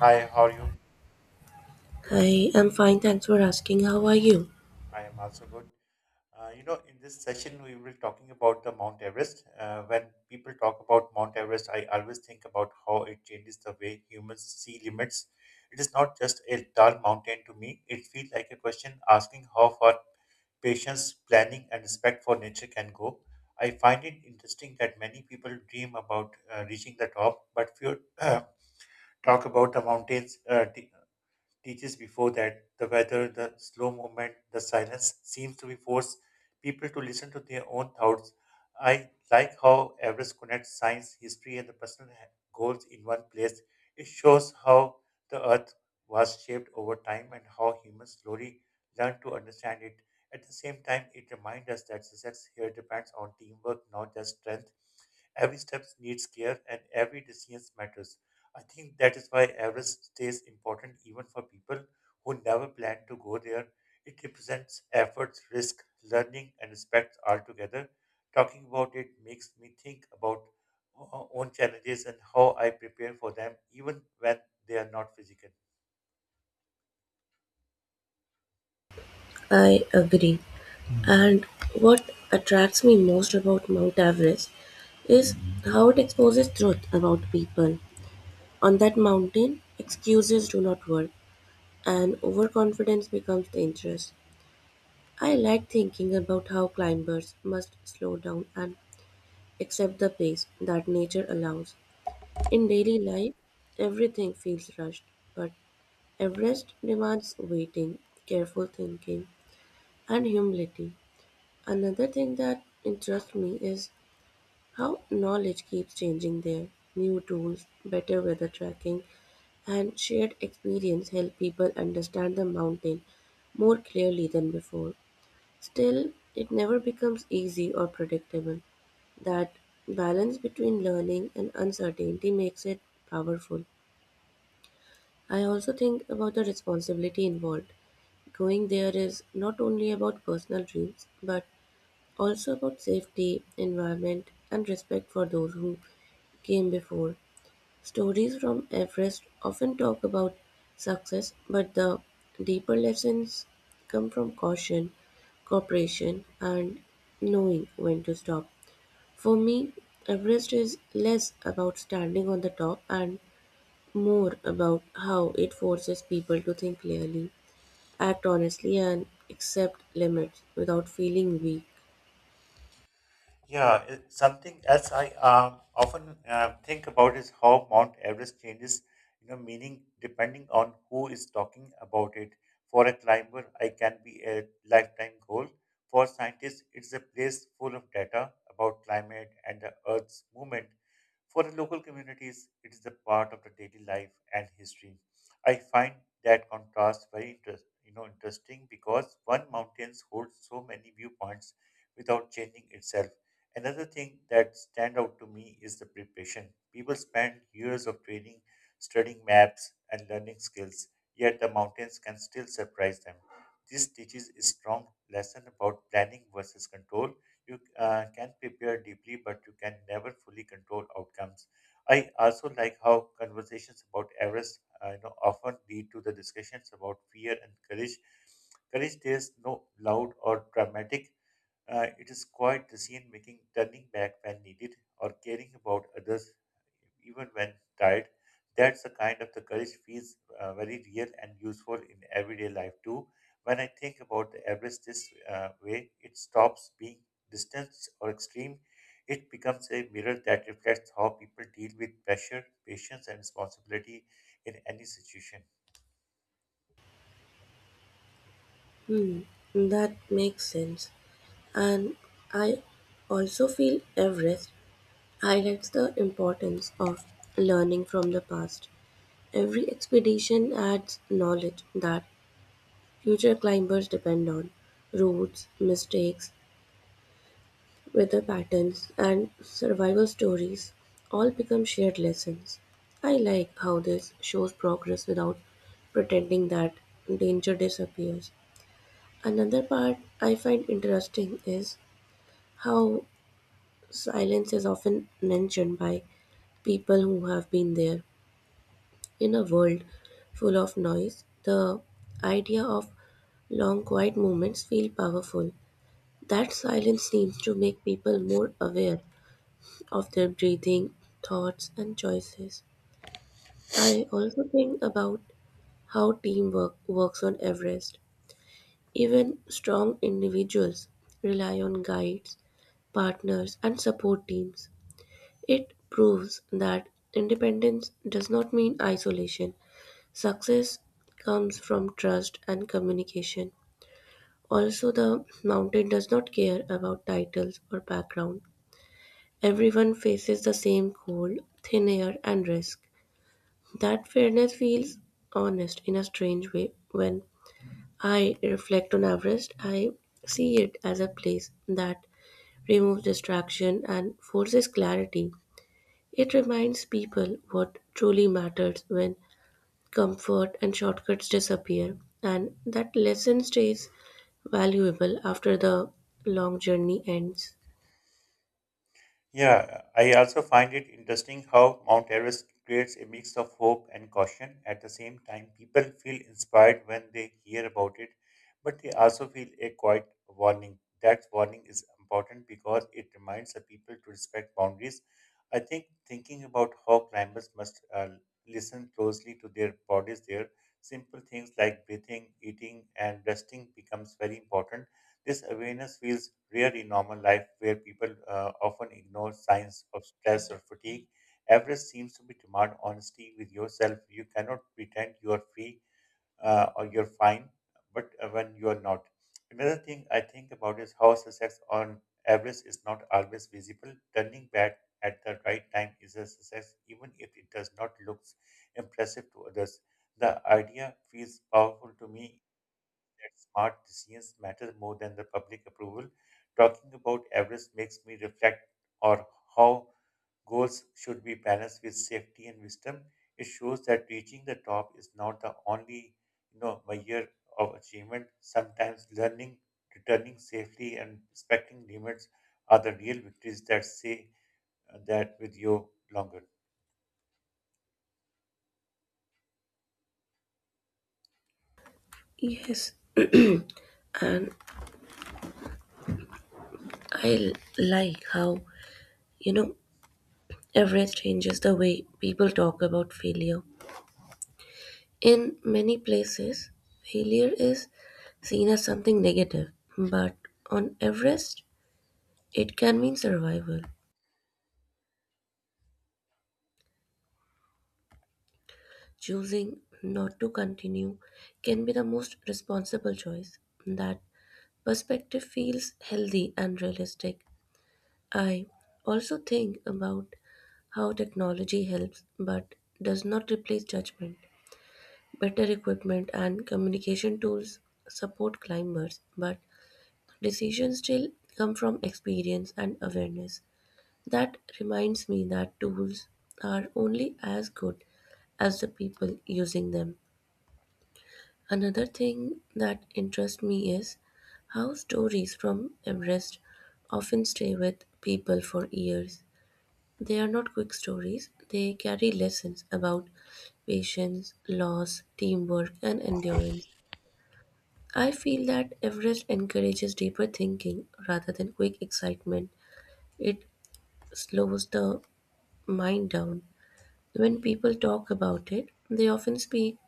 Hi, how are you? I am fine, thanks for asking. How are you? I am also good. In this session, we will talking about the Mount Everest. When people talk about Mount Everest, I always think about how it changes the way humans see limits. It is not just a tall mountain to me. It feels like a question asking how far patience, planning, and respect for nature can go. I find it interesting that many people dream about reaching the top, but few talk about the mountains. Teaches before that the weather, the slow movement, the silence seems to be force people to listen to their own thoughts. I like how Everest connects science, history, and the personal goals in one place. It shows how the earth was shaped over time and how humans slowly learn to understand it. At the same time, it reminds us that success here depends on teamwork, not just strength. Every step needs care and every decision matters. I think that is why Everest stays important even for people who never plan to go there. It represents efforts, risk, learning, and respect all together. Talking about it makes me think about own challenges and how I prepare for them, even when they are not physical. I agree. And what attracts me most about Mount Everest is how it exposes truth about people. On that mountain, excuses do not work, and overconfidence becomes dangerous. I like thinking about how climbers must slow down and accept the pace that nature allows. In daily life, everything feels rushed, but Everest demands waiting, careful thinking, and humility. Another thing that interests me is how knowledge keeps changing there. New tools, better weather tracking, and shared experience help people understand the mountain more clearly than before. Still, it never becomes easy or predictable. That balance between learning and uncertainty makes it powerful. I also think about the responsibility involved. Going there is not only about personal dreams, but also about safety, environment, and respect for those who came before. Stories from Everest often talk about success, but the deeper lessons come from caution, cooperation, and knowing when to stop. For me, Everest is less about standing on the top and more about how it forces people to think clearly, act honestly, and accept limits without feeling weak. Yeah, something else I often think about is how Mount Everest changes, you know, meaning depending on who is talking about it. For a climber, I can be a lifetime goal. For scientists, it's a place full of data about climate and the Earth's movement. For the local communities, it is a part of the daily life and history. I find that contrast very interesting because one mountain holds so many viewpoints without changing itself. Another thing that stand out to me is the preparation. People spend years of training, studying maps, and learning skills, yet the mountains can still surprise them. This teaches a strong lesson about planning versus control. You can prepare deeply, but you can never fully control outcomes. I also like how conversations about Everest, often lead to the discussions about fear and courage. Courage is no loud or dramatic. It is quiet decision making, turning back when needed, or caring about others even when tired. That's the kind of the courage feels very real and useful in everyday life too. When I think about the Everest this way, it stops being distance or extreme. It becomes a mirror that reflects how people deal with pressure, patience, and responsibility in any situation. Hmm, that makes sense, and I also feel Everest highlights the importance of learning from the past. Every expedition adds knowledge that future climbers depend on: routes, mistakes, weather patterns, and survival stories all become shared lessons. I like how this shows progress without pretending that danger disappears. Another part I find interesting is how silence is often mentioned by people who have been there. In a world full of noise, the idea of long quiet moments feel powerful. That silence seems to make people more aware of their breathing, thoughts and choices. I also think about how teamwork works on Everest. Even strong individuals rely on guides, partners and support teams. It proves that independence does not mean isolation. Success comes from trust and communication. Also, the mountain does not care about titles or background. Everyone faces the same cold, thin air, and risk. That fairness feels honest in a strange way. When I reflect on Everest, I see it as a place that removes distraction and forces clarity. It reminds people what truly matters when comfort and shortcuts disappear, and that lesson stays valuable after the long journey ends. Yeah, I also find it interesting how Mount Everest creates a mix of hope and caution. At the same time, people feel inspired when they hear about it, but they also feel a quiet warning. That warning is important because it reminds the people to respect boundaries. I think thinking about how climbers must listen closely to their bodies there, simple things like breathing, eating, and resting becomes very important. This awareness feels rare in normal life where people often ignore signs of stress or fatigue. Everest seems to be demand honesty with yourself. You cannot pretend you are free, or you're fine, but when you are not. Another thing I think about is how success on Everest is not always visible. Turning back at the right time is a success, even if it does not look impressive to others. The idea feels powerful to me that smart decisions matter more than the public approval. Talking about Everest makes me reflect on how goals should be balanced with safety and wisdom. It shows that reaching the top is not the only, you know, measure of achievement. Sometimes learning, returning safely, and respecting limits are the real victories that say that with you longer. Yes, and I l- like how, you know, Everest changes the way people talk about failure. In many places, failure is seen as something negative, but on Everest, it can mean survival. Choosing not to continue can be the most responsible choice. That perspective feels healthy and realistic. I also think about how technology helps but does not replace judgment. Better equipment and communication tools support climbers, but decisions still come from experience and awareness. That reminds me that tools are only as good as the people using them. Another thing that interests me is how stories from Everest often stay with people for years. They are not quick stories, they carry lessons about patience, loss, teamwork, and endurance. I feel that Everest encourages deeper thinking rather than quick excitement. It slows the mind down. When people talk about it, they often speak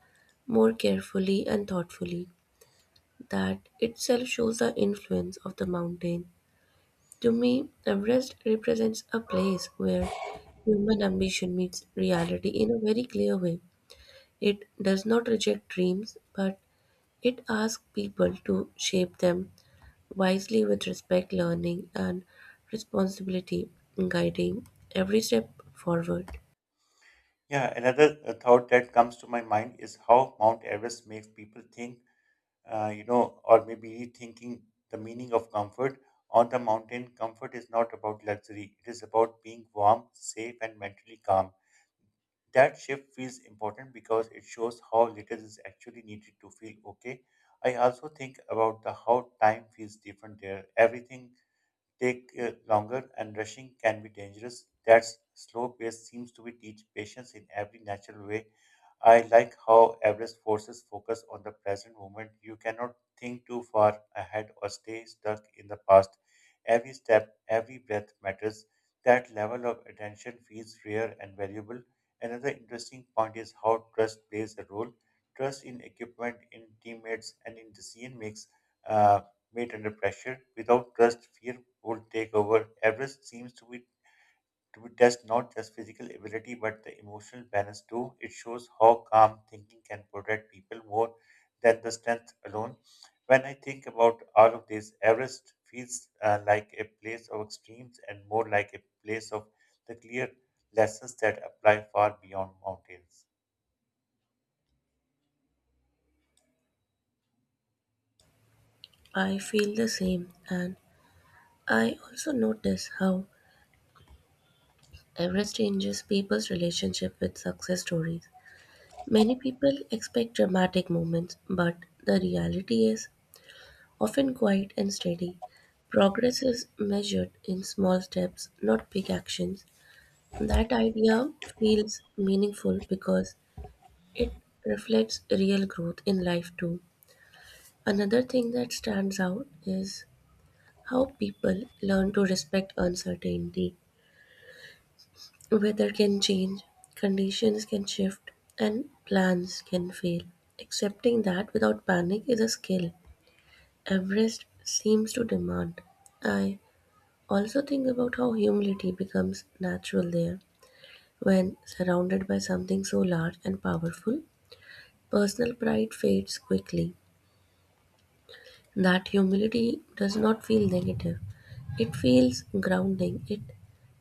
more carefully and thoughtfully. That itself shows the influence of the mountain. To me, Everest represents a place where human ambition meets reality in a very clear way. It does not reject dreams, but it asks people to shape them wisely with respect, learning, and responsibility, guiding every step forward. Yeah, another thought that comes to my mind is how Mount Everest makes people think, or maybe rethinking the meaning of comfort. On the mountain, comfort is not about luxury, it is about being warm, safe, and mentally calm. That shift feels important because it shows how little is actually needed to feel okay. I also think about the how time feels different there. Everything take longer and rushing can be dangerous. That slow pace seems to be teach patience in every natural way. I like how Everest forces focus on the present moment. You cannot think too far ahead or stay stuck in the past. Every step, every breath matters. That level of attention feels rare and valuable. Another interesting point is how trust plays a role. Trust in equipment, in teammates, and in decision makes uh, made under pressure. Without trust, fear will take over. Everest seems to be to test not just physical ability but the emotional balance too. It shows how calm thinking can protect people more than the strength alone. When I think about all of this, Everest feels like a place of extremes and more like a place of the clear lessons that apply far beyond mountains. I feel the same, and I also notice how Everest changes people's relationship with success stories. Many people expect dramatic moments, but the reality is often quiet and steady. Progress is measured in small steps, not big actions. That idea feels meaningful because it reflects real growth in life too. Another thing that stands out is how people learn to respect uncertainty. Weather can change, conditions can shift, and plans can fail. Accepting that without panic is a skill Everest seems to demand. I also think about how humility becomes natural there when surrounded by something so large and powerful. Personal pride fades quickly. That humility does not feel negative, it feels grounding. It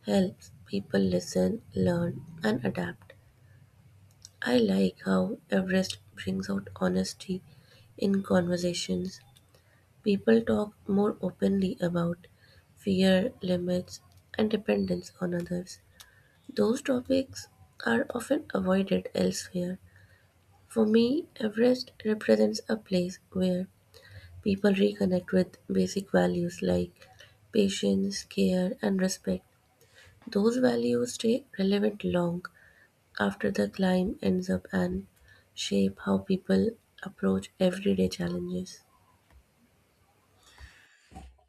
helps people listen, learn, and adapt. I like how Everest brings out honesty in conversations. People talk more openly about fear, limits, and dependence on others. Those topics are often avoided elsewhere. For me, Everest represents a place where people reconnect with basic values like patience, care, and respect. Those values stay relevant long after the climb ends up and shape how people approach everyday challenges.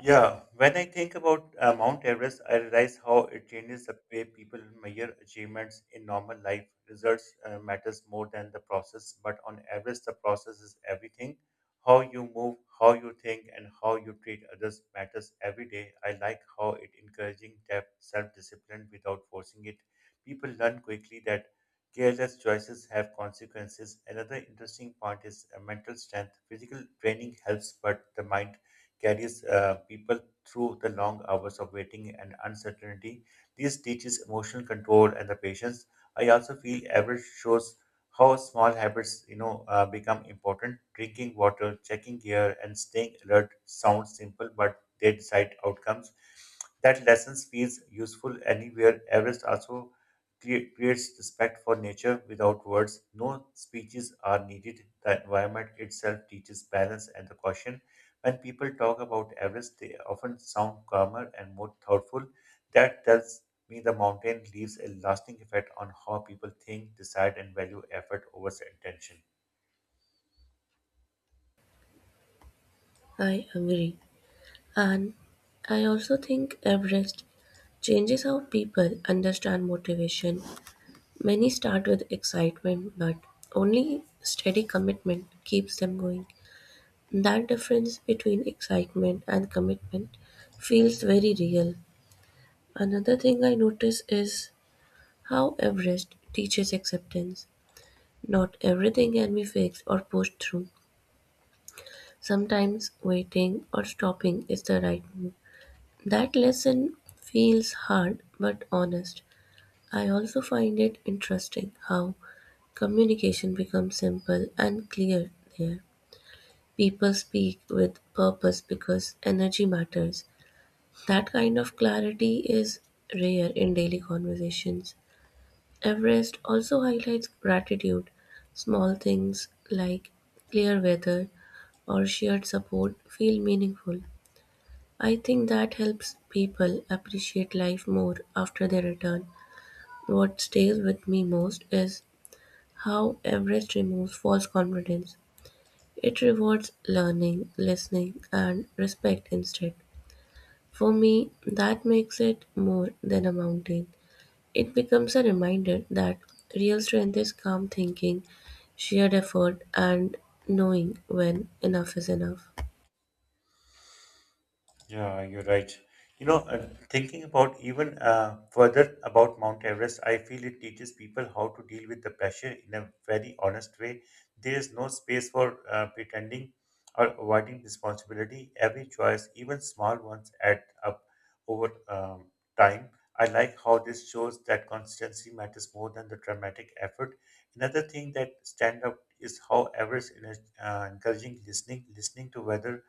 Yeah, when I think about Mount Everest, I realize how it changes the way people measure achievements in normal life. Results matters more than the process, but on Everest, the process is everything. How you move, how you think, and how you treat others matters every day. I like how it encouraging depth, self-discipline without forcing it. People learn quickly that careless choices have consequences. Another interesting point is mental strength. Physical training helps, but the mind carries people through the long hours of waiting and uncertainty. This teaches emotional control and the patience. I also feel average shows how small habits, become important. Drinking water, checking gear, and staying alert sound simple, but they decide outcomes. That lessons feels useful anywhere. Everest also creates respect for nature without words. No speeches are needed. The environment itself teaches balance and the caution. When people talk about Everest, they often sound calmer and more thoughtful. That tells me the mountain leaves a lasting effect on how people think, decide, and value effort over intention. I agree. And I also think Everest changes how people understand motivation. Many start with excitement, but only steady commitment keeps them going. That difference between excitement and commitment feels very real. Another thing I notice is how Everest teaches acceptance. Not everything can be fixed or pushed through. Sometimes waiting or stopping is the right move. That lesson feels hard but honest. I also find it interesting how communication becomes simple and clear there. People speak with purpose because energy matters. That kind of clarity is rare in daily conversations. Everest also highlights gratitude. Small things like clear weather or shared support feel meaningful. I think that helps people appreciate life more after they return. What stays with me most is how Everest removes false confidence. It rewards learning, listening, and respect instead. For me, that makes it more than a mountain. It becomes a reminder that real strength is calm thinking, sheer effort, and knowing when enough is enough. Yeah, you're right. Thinking about even further about Mount Everest, I feel it teaches people how to deal with the pressure in a very honest way. There is no space for pretending or avoiding responsibility. Every choice, even small ones, add up over time. I like how this shows that consistency matters more than the dramatic effort. Another thing that stand up is how Everest in encouraging listening to whether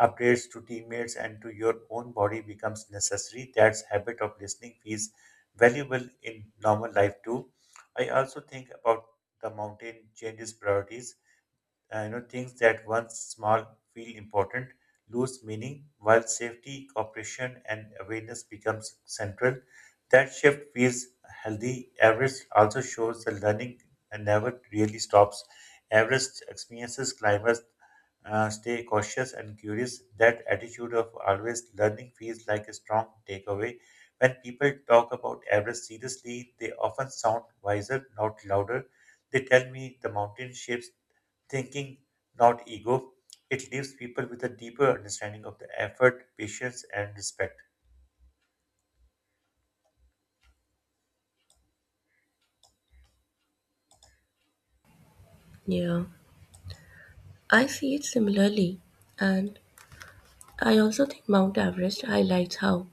updates to teammates and to your own body becomes necessary. That habit of listening feels valuable in normal life too. I also think about the mountain changes priorities, things that once small feel important lose meaning while safety, cooperation, and awareness becomes central. That shift feels healthy. Everest also shows that learning never really stops. Everest experiences climbers stay cautious and curious. That attitude of always learning feels like a strong takeaway. When people talk about Everest seriously, they often sound wiser, not louder. They tell me the mountain shapes thinking, not ego. It leaves people with a deeper understanding of the effort, patience, and respect. Yeah, I see it similarly, and I also think Mount Everest highlights how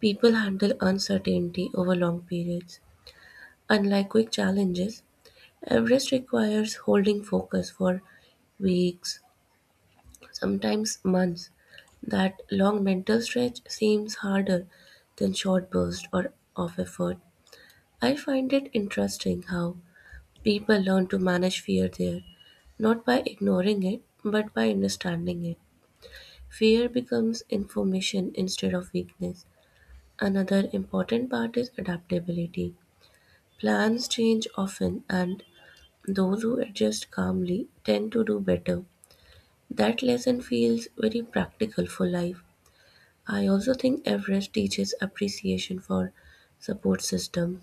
people handle uncertainty over long periods. Unlike quick challenges, Everest requires holding focus for weeks, sometimes months. That long mental stretch seems harder than short bursts or of effort. I find it interesting how people learn to manage fear there, not by ignoring it, but by understanding it. Fear becomes information instead of weakness. Another important part is adaptability. Plans change often, and those who adjust calmly tend to do better. That lesson feels very practical for life. I also think Everest teaches appreciation for support system.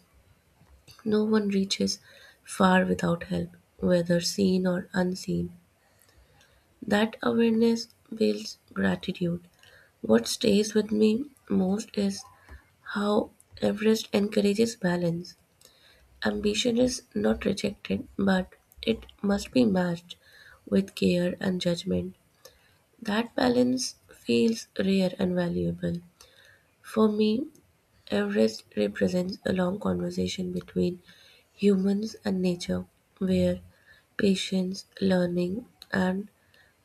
No one reaches far without help, whether seen or unseen. That awareness builds gratitude. What stays with me most is how Everest encourages balance. Ambition is not rejected, but it must be matched with care and judgment. That balance feels rare and valuable. For me, Everest represents a long conversation between humans and nature, where patience, learning, and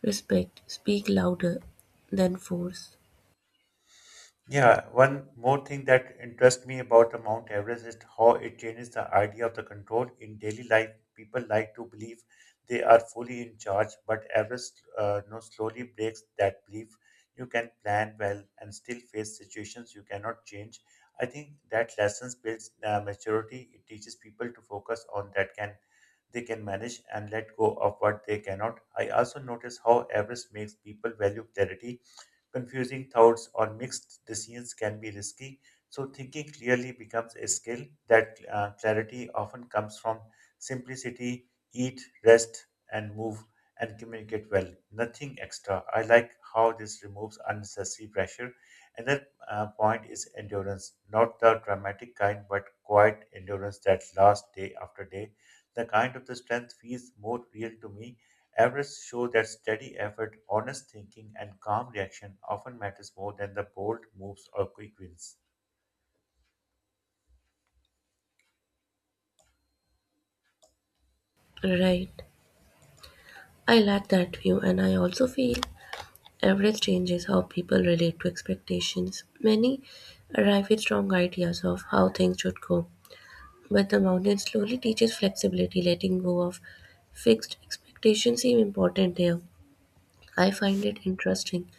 respect speak louder than force. Yeah, one more thing that interests me about the Mount Everest is how it changes the idea of the control. In daily life, people like to believe they are fully in charge, but Everest, no, slowly breaks that belief. You can plan well and still face situations you cannot change. I think that lessons builds maturity. It teaches people to focus on that can they can manage and let go of what they cannot. I also notice how avarice makes people value clarity. Confusing thoughts, or mixed decisions can be risky. So, thinking clearly becomes a skill. That clarity often comes from simplicity: eat, rest, and move, and communicate well. Nothing extra. I like how this removes unnecessary pressure. Another point is endurance, not the dramatic kind, but quiet endurance that lasts day after day. The kind of the strength feels more real to me. Averages show that steady effort, honest thinking, and calm reaction often matters more than the bold moves or quick wins. Right. I like that view, and I also feel Average changes how people relate to expectations. Many arrive with strong ideas of how things should go, but the mountain slowly teaches flexibility, letting go of fixed expectations seem important there. I find it interesting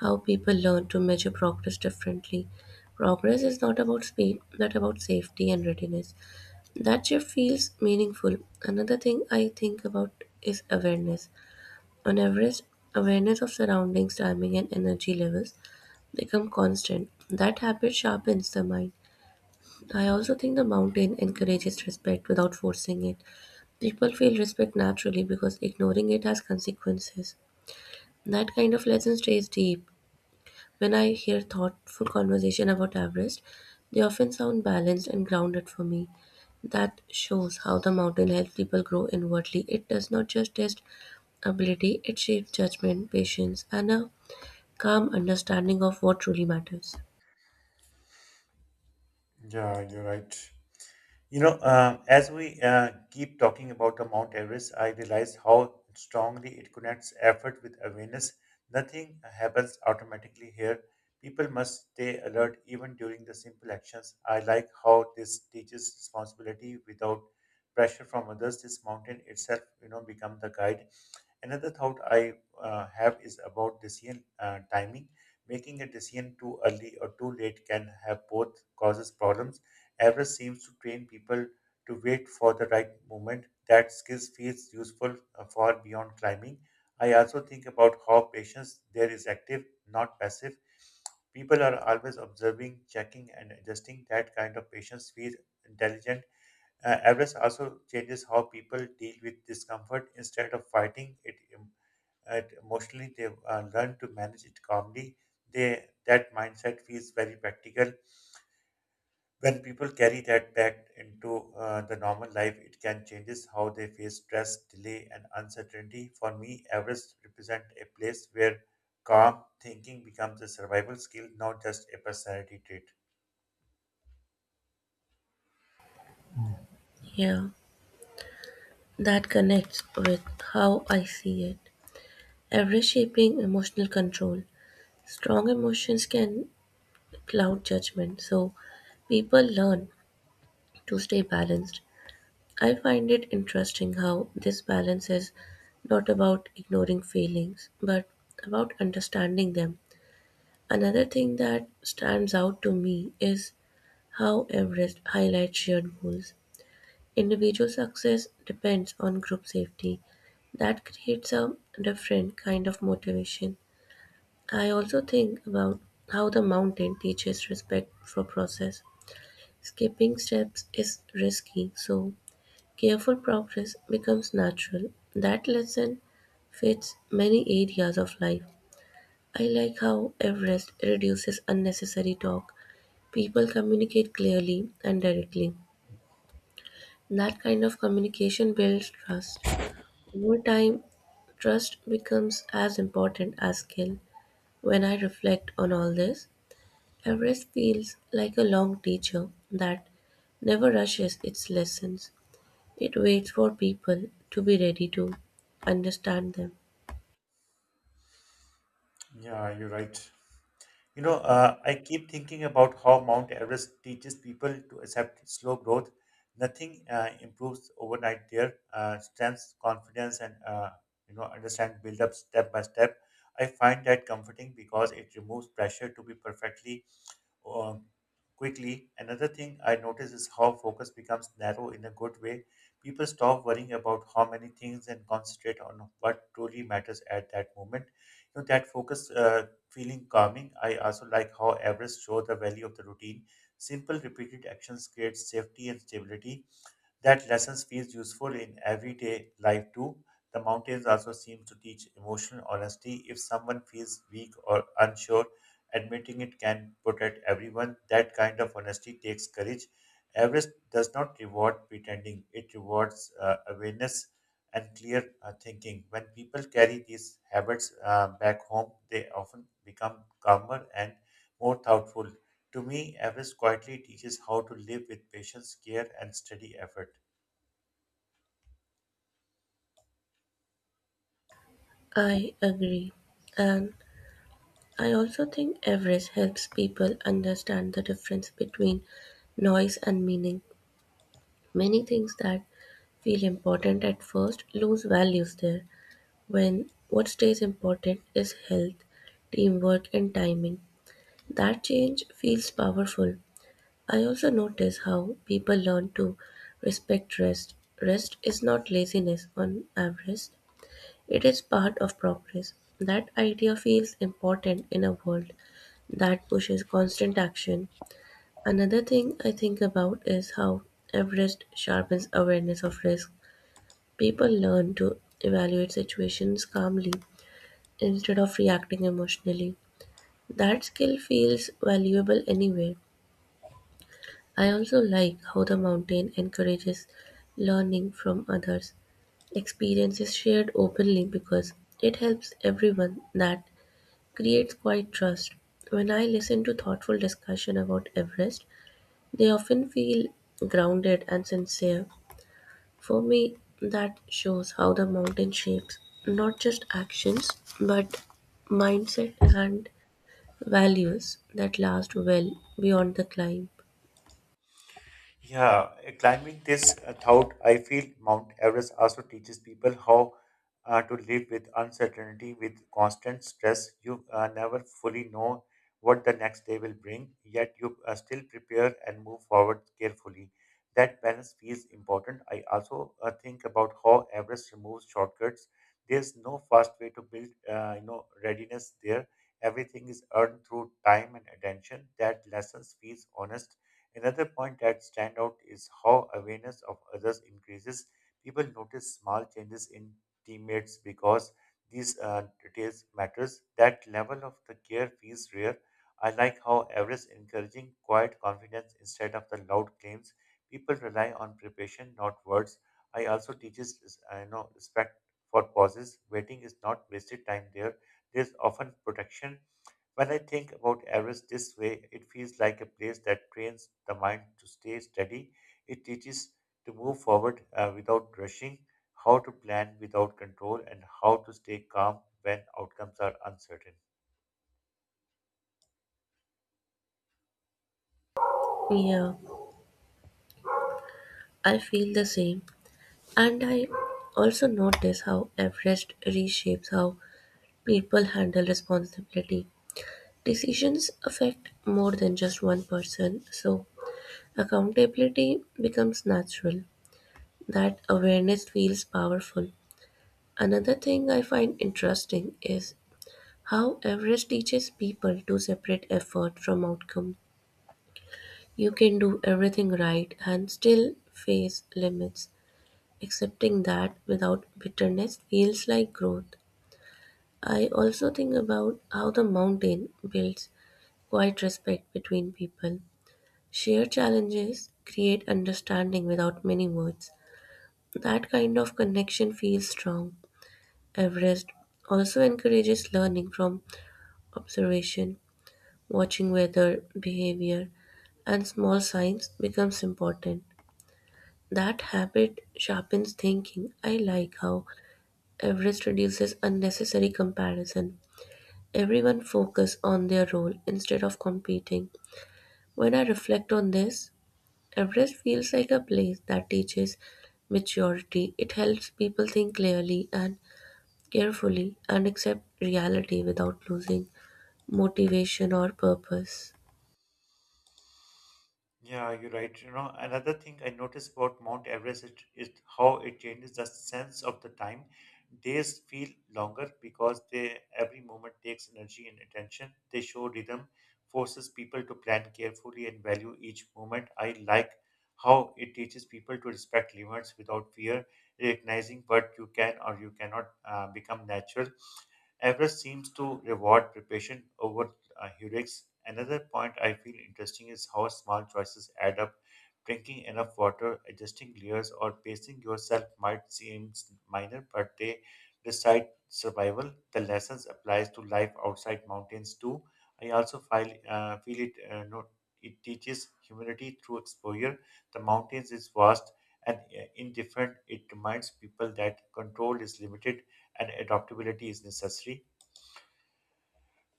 how people learn to measure progress differently. Progress is not about speed, but about safety and readiness. That shift feels meaningful. Another thing I think about is awareness. On average, awareness of surroundings, timing, and energy levels become constant. That habit sharpens the mind. I also think the mountain encourages respect without forcing it. People feel respect naturally because ignoring it has consequences. That kind of lesson stays deep. When I hear thoughtful conversation about Everest, they often sound balanced and grounded for me. That shows how the mountain helps people grow inwardly. It does not just test ability, it shapes judgment, patience, and a calm understanding of what truly matters. Yeah, you're right. As we keep talking about the Mount Everest, I realize how strongly it connects effort with awareness. Nothing happens automatically here. People must stay alert even during the simple actions. I like how this teaches responsibility without pressure from others. This mountain itself, you know, become the guide. Another thought I have is about decision timing. Making a decision too early or too late can have both causes problems. Average seems to train people to wait for the right moment. That skill feels useful far beyond climbing. I also think about how patience there is active, not passive. People are always observing, checking, and adjusting. That kind of patience feels intelligent. Everest also changes how people deal with discomfort. Instead of fighting it emotionally, they learn to manage it calmly. They, that mindset feels very practical. When people carry that back into the normal life, it can changes how they face stress, delay, and uncertainty. For me, Everest represent a place where calm thinking becomes a survival skill, not just a personality trait. Yeah. That connects with how I see it. Every shaping emotional control. Strong emotions can cloud judgment, so people learn to stay balanced. I find it interesting how this balance is not about ignoring feelings, but about understanding them. Another thing that stands out to me is how Everest highlights shared goals. Individual success depends on group safety, that creates a different kind of motivation. I also think about how the mountain teaches respect for process. Skipping steps is risky, so careful progress becomes natural. That lesson fits many areas of life. I like how Everest reduces unnecessary talk. People communicate clearly and directly. That kind of communication builds trust. Over time, trust becomes as important as skill. When I reflect on all this, Everest feels like a long teacher that never rushes its lessons. It waits for people to be ready to understand them. Yeah, you're right. I keep thinking about how Mount Everest teaches people to accept slow growth. Nothing improves overnight there. Strength, confidence, and understand build up step by step. I find that comforting because it removes pressure to be perfectly uh, quickly. Another thing I notice is how focus becomes narrow in a good way. People stop worrying about how many things and concentrate on what truly matters at that moment. You know, that focus feeling calming. I also like how Everest show the value of the routine. Simple, repeated actions create safety and stability. That lesson feels useful in everyday life too. The mountains also seem to teach emotional honesty. If someone feels weak or unsure, admitting it can protect everyone. That kind of honesty takes courage. Everest does not reward pretending, it rewards awareness and clear thinking. When people carry these habits back home, they often become calmer and more thoughtful. To me, Everest quietly teaches how to live with patience, care, and steady effort. I agree. And I also think Everest helps people understand the difference between noise and meaning. Many things that feel important at first lose values there when what stays important is health, teamwork, and timing. That change feels powerful. I also notice how people learn to respect rest. Rest is not laziness on average, it is part of progress. That idea feels important in a world that pushes constant action. Another thing I think about is how Everest sharpens awareness of risk. People learn to evaluate situations calmly instead of reacting emotionally. That skill feels valuable anyway. I also like how the mountain encourages learning from others. Experience is shared openly because it helps everyone that creates quite trust. When I listen to thoughtful discussion about Everest, they often feel grounded and sincere. For me, that shows how the mountain shapes not just actions but mindset and values that last well beyond the climb. Yeah, climbing this thought, I feel Mount Everest also teaches people how to live with uncertainty, with constant stress. You never fully know what the next day will bring, yet you still prepare and move forward carefully. That balance feels important. I also think about how Everest removes shortcuts. There's no fast way to build readiness there. Everything is earned through time and attention. That lesson feels honest. Another point that stands out is how awareness of others increases. People notice small changes in teammates because these details matters. That level of the care feels rare. I like how Everest encouraging quiet confidence instead of the loud claims. People rely on preparation, not words. I also teaches I know respect for pauses. Waiting is not wasted time there. There's often protection when I think about Everest this way, it feels like a place that trains the mind to stay steady. It teaches to move forward without rushing, how to plan without control, and how to stay calm when outcomes are uncertain. Yeah, I feel the same. And I also notice how Everest reshapes how people handle responsibility. Decisions affect more than just one person, so accountability becomes natural. That awareness feels powerful. Another thing I find interesting is how Everest teaches people to separate effort from outcome. You can do everything right and still face limits. Accepting that without bitterness feels like growth. I also think about how the mountain builds quiet respect between people. Shared challenges create understanding without many words. That kind of connection feels strong. Everest also encourages learning from observation, watching weather, behavior, and small signs becomes important. That habit sharpens thinking. I like how Everest reduces unnecessary comparison. Everyone focus on their role instead of competing. When I reflect on this, Everest feels like a place that teaches maturity. It helps people think clearly and carefully and accept reality without losing motivation or purpose. Yeah, you're right. You know, another thing I noticed about Mount Everest is how it changes the sense of the time. Days feel longer because they every moment takes energy and attention. They show rhythm, forces people to plan carefully and value each moment. I like how it teaches people to respect limits without fear, recognizing what you can or you cannot become natural. Everest seems to reward preparation over heuristics. Another point I feel interesting is how small choices add up. Drinking enough water, adjusting layers, or pacing yourself might seem minor, but they decide survival. The lessons applies to life outside mountains too. I also feel, feel it. No, it teaches humility through exposure. The mountains is vast and indifferent. It reminds people that control is limited and adaptability is necessary.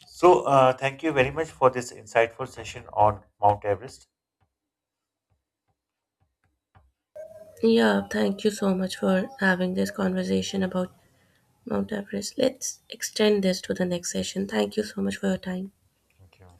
So, thank you very much for this insightful session on Mount Everest. Yeah, thank you so much for having this conversation about Mount Everest. Let's extend this to the next session. Thank you so much for your time. Thank you.